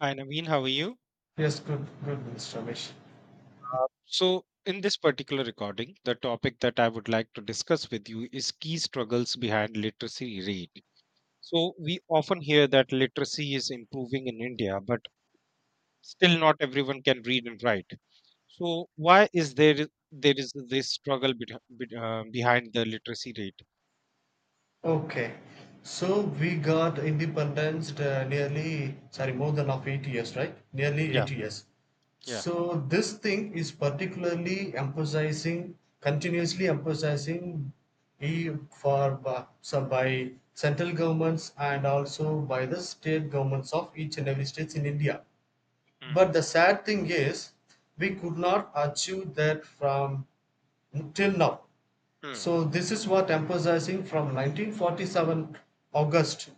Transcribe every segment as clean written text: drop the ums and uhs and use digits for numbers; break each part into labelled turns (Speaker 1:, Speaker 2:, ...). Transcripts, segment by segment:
Speaker 1: Hi, Naveen. How are you?
Speaker 2: Yes, good, good, Mr. Ramesh.
Speaker 1: In this particular recording, the topic that I would like to discuss with you is key struggles behind literacy rate. So, we often hear that literacy is improving in India, but still not everyone can read and write. So, why is there is this struggle behind the literacy rate?
Speaker 2: Okay, so we got independence nearly, sorry, more than of 8 years, right? Nearly
Speaker 1: Yeah,
Speaker 2: 8 years.
Speaker 1: yeah.
Speaker 2: So this thing is particularly emphasizing, continuously emphasizing, e for by, so by central governments and also by the state governments of each and every states in India.
Speaker 1: Mm,
Speaker 2: But the sad thing is, we could not achieve that from till now.
Speaker 1: mm,
Speaker 2: So this is what emphasizing from 1947 August,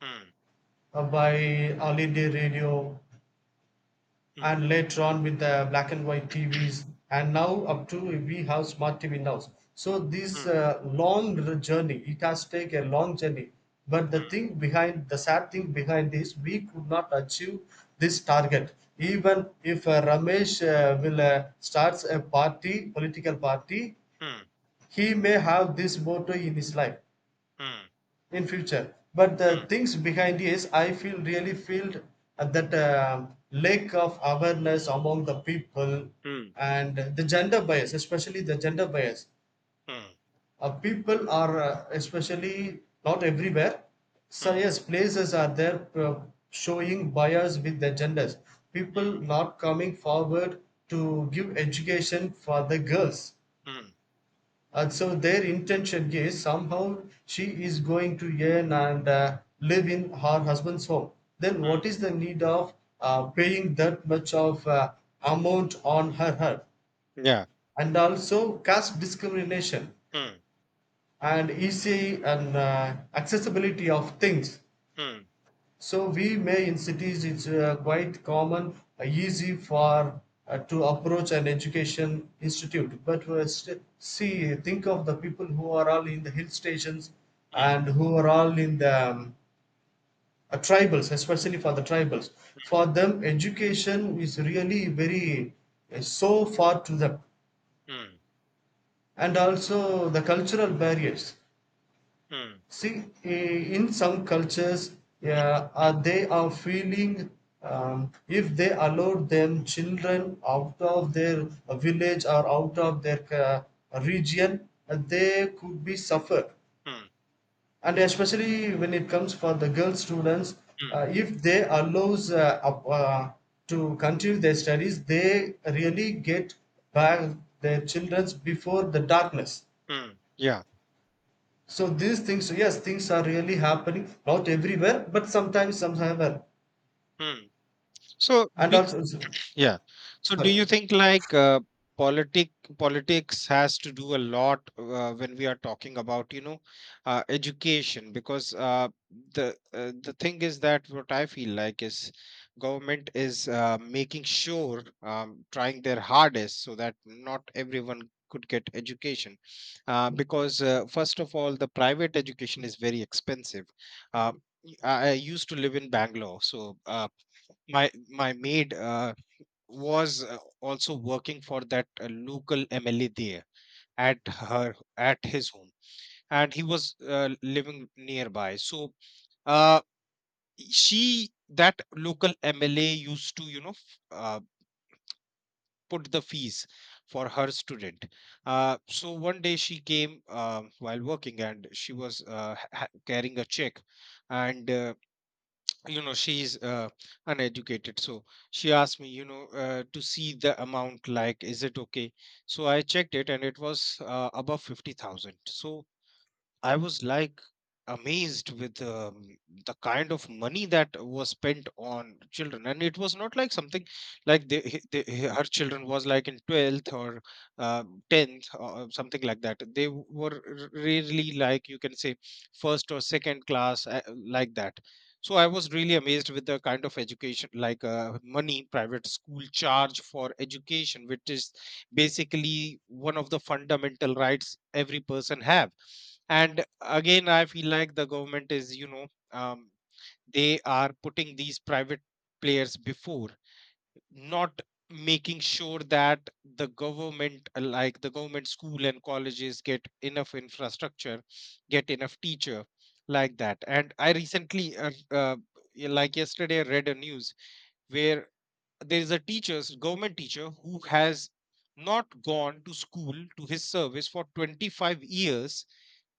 Speaker 1: mm,
Speaker 2: by early day radio
Speaker 1: mm,
Speaker 2: and later on with the black and white TVs, and now up to we have smart TV now. So this
Speaker 1: mm,
Speaker 2: journey, it has taken a long journey. But the thing behind, the sad thing behind this we could not achieve this target. Even if Ramesh will starts a party, political party,
Speaker 1: mm,
Speaker 2: he may have this motto in his life
Speaker 1: mm, mm,
Speaker 2: in future, but the things behind is I feel really feel that lack of awareness among the people,
Speaker 1: mm,
Speaker 2: and the gender bias, especially the gender bias.
Speaker 1: mm,
Speaker 2: People are especially not everywhere, so
Speaker 1: mm,
Speaker 2: yes, places are there, showing bias with their genders, people not coming forward to give education for the girls.
Speaker 1: mm,
Speaker 2: And so their intention is somehow she is going to earn and live in her husband's home. Then
Speaker 1: mm.
Speaker 2: what is the need of paying that much of amount on her head?
Speaker 1: Yeah.
Speaker 2: And also caste discrimination,
Speaker 1: Mm,
Speaker 2: and easy and accessibility of things.
Speaker 1: mm,
Speaker 2: So we may in cities it's quite common, easy for to approach an education institute. But see, think of the people who are all in the hill stations
Speaker 1: mm,
Speaker 2: and who are all in the tribals, especially for the tribals. For them, education is really very so far to them,
Speaker 1: mm.
Speaker 2: and also the cultural barriers.
Speaker 1: Mm,
Speaker 2: See, in some cultures, yeah, they are feeling if they allow them children out of their village or out of their region, they could be suffer.
Speaker 1: mm,
Speaker 2: And especially when it comes for the girl students,
Speaker 1: mm,
Speaker 2: if they allows to continue their studies, they really get back their childrens before the darkness.
Speaker 1: mm, yeah.
Speaker 2: So these things, so yes, things are really happening, not everywhere, but sometimes, somewhere.
Speaker 1: Mm. So
Speaker 2: And
Speaker 1: do,
Speaker 2: also,
Speaker 1: yeah. So do
Speaker 2: sorry.
Speaker 1: you think like politic politics has to do a lot when we are talking about, you know, education? Because the thing is that what I feel like is government is making sure trying their hardest so that not everyone could get education because first of all the private education is very expensive. Uh, i I used to live in Bangalore, so my my maid was also working for that local MLA there at her at his home, and he was living nearby. So uh, she that local MLA used to, you know, put the fees for her student. So one day she came while working, and she was carrying a check, and you know, she's uneducated, so she asked me, you know, to see the amount, like, is it okay. So I checked it and it was above 50,000, so I was like amazed with the kind of money that was spent on children, and it was not like something like her children was like in twelfth or tenth or something like that. They really, like, you can say first or second class like that. So I was really amazed with the kind of education, like, money private school charge for education, which is basically one of the fundamental rights every person have. And again, I feel like the government is, you know, um, they are putting these private players before not making sure that the government like the government school and colleges get enough infrastructure, get enough teacher, like that. And I recently, like yesterday, read a news where there is a teacher, government teacher, who has not gone to school to his service for 25 years.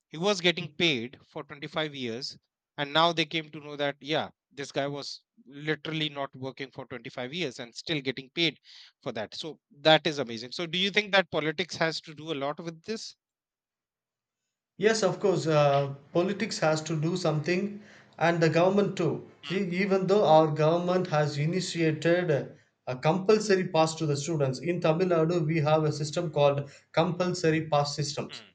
Speaker 1: He was getting paid for 25 years. And now they came to know that, yeah, this guy was literally not working for 25 years and still getting paid for that. So that is amazing. So, do you think that politics has to do a lot with this?
Speaker 2: Yes, of course, politics has to do something, and the government too.
Speaker 1: Mm,
Speaker 2: See, even though our government has initiated a compulsory pass to the students, in Tamil Nadu, we have a system called compulsory pass systems.
Speaker 1: mm,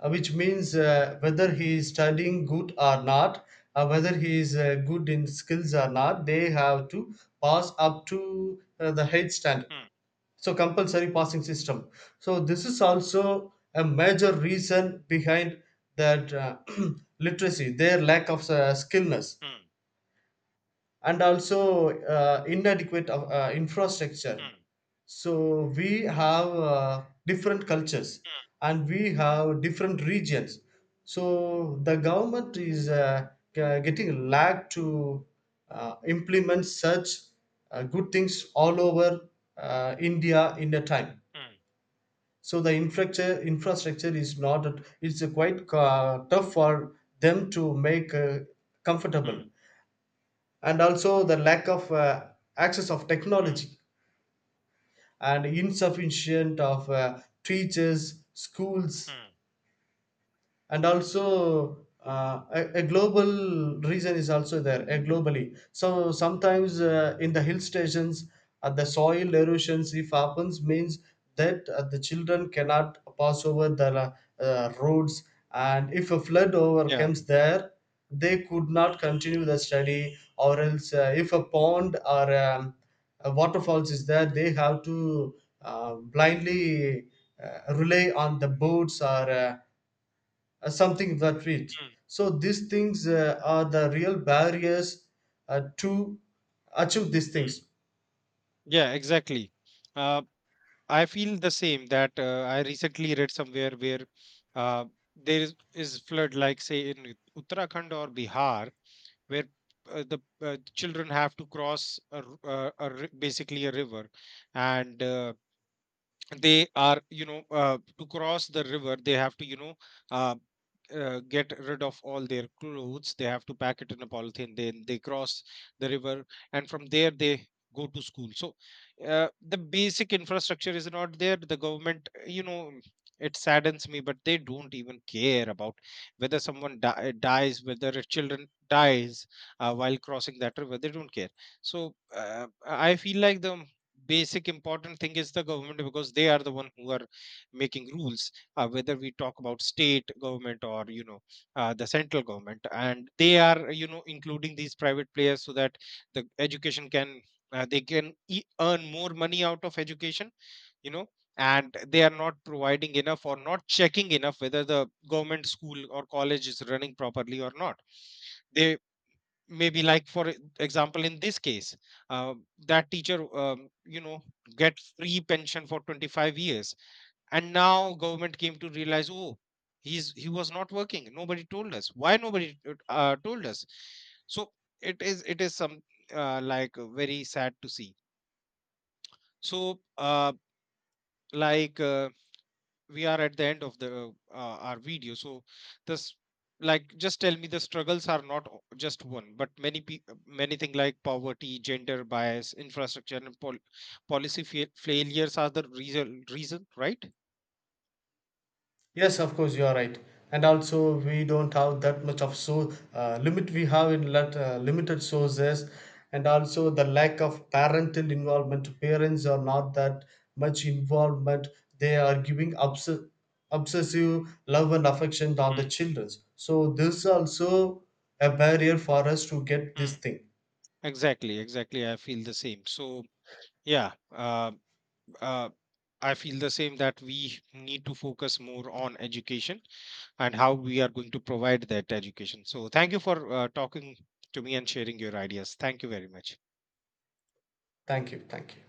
Speaker 2: Which means whether he is studying good or not, whether he is good in skills or not, they have to pass up to the head standard.
Speaker 1: mm,
Speaker 2: So compulsory passing system. So this is also a major reason behind that literacy, their lack of skillness,
Speaker 1: mm,
Speaker 2: and also inadequate of, infrastructure.
Speaker 1: mm,
Speaker 2: So we have different cultures and we have different regions. So the government is getting lag to implement such good things all over India in a time.
Speaker 1: mm,
Speaker 2: So the infrastructure is not, it's quite tough for them to make
Speaker 1: mm,
Speaker 2: comfortable.
Speaker 1: mm,
Speaker 2: And also the lack of access of
Speaker 1: mm,
Speaker 2: technology, and insufficient of teachers schools.
Speaker 1: mm,
Speaker 2: And also a global reason is also there, a globally. So sometimes in the hill stations the soil erosions if happens means that the children cannot pass over the roads. And if a flood
Speaker 1: yeah.
Speaker 2: overcomes there, they could not continue the study. Or else if a pond or a waterfalls is there, they have to blindly rely on the boats or something that reads.
Speaker 1: Mm,
Speaker 2: So these things are the real barriers to achieve these things.
Speaker 1: mm. Yeah, exactly. Uh, I feel the same that I recently read somewhere where uh, there is flood, like say in Uttarakhand or Bihar, where the children have to cross a, r- a ri- basically a river, and they are, you know, to cross the river they have to, you know, uh, get rid of all their clothes, they have to pack it in a polythene, then they cross the river, and from there they go to school. So the basic infrastructure is not there. The government, you know, it saddens me, but they don't even care about whether someone dies, whether a children dies while crossing that river, they don't care. So I feel like the basic important thing is the government, because they are the one who are making rules, whether we talk about state government or, you know, the central government, and they are, you know, including these private players so that the education can, they can earn more money out of education, you know. And they are not providing enough or not checking enough whether the government school or college is running properly or not. They maybe, like, for example, in this case, uh, that teacher, you know, get free pension for 25 years, and now government came to realize, oh, he was not working, nobody told us why, nobody told us. So it is some, very sad to see. So like uh, we are at the end of the our video, so this, like, just tell me, the struggles are not just one but many, many things, like poverty, gender bias, infrastructure and policy failures are the reason, right?
Speaker 2: Yes, of course, you are right. And also, we don't have that much of so limit we have in let, limited sources, and also the lack of parental involvement. Parents are not that much involvement. They are giving obsessive love and affection on the children. So this also a barrier for us to get this
Speaker 1: Hmm.
Speaker 2: thing.
Speaker 1: Exactly, exactly, I feel the same. So yeah, uh, I feel the same that we need to focus more on education and how we are going to provide that education. So, thank you for talking to me and sharing your ideas. Thank you very much.
Speaker 2: Thank you. Thank you.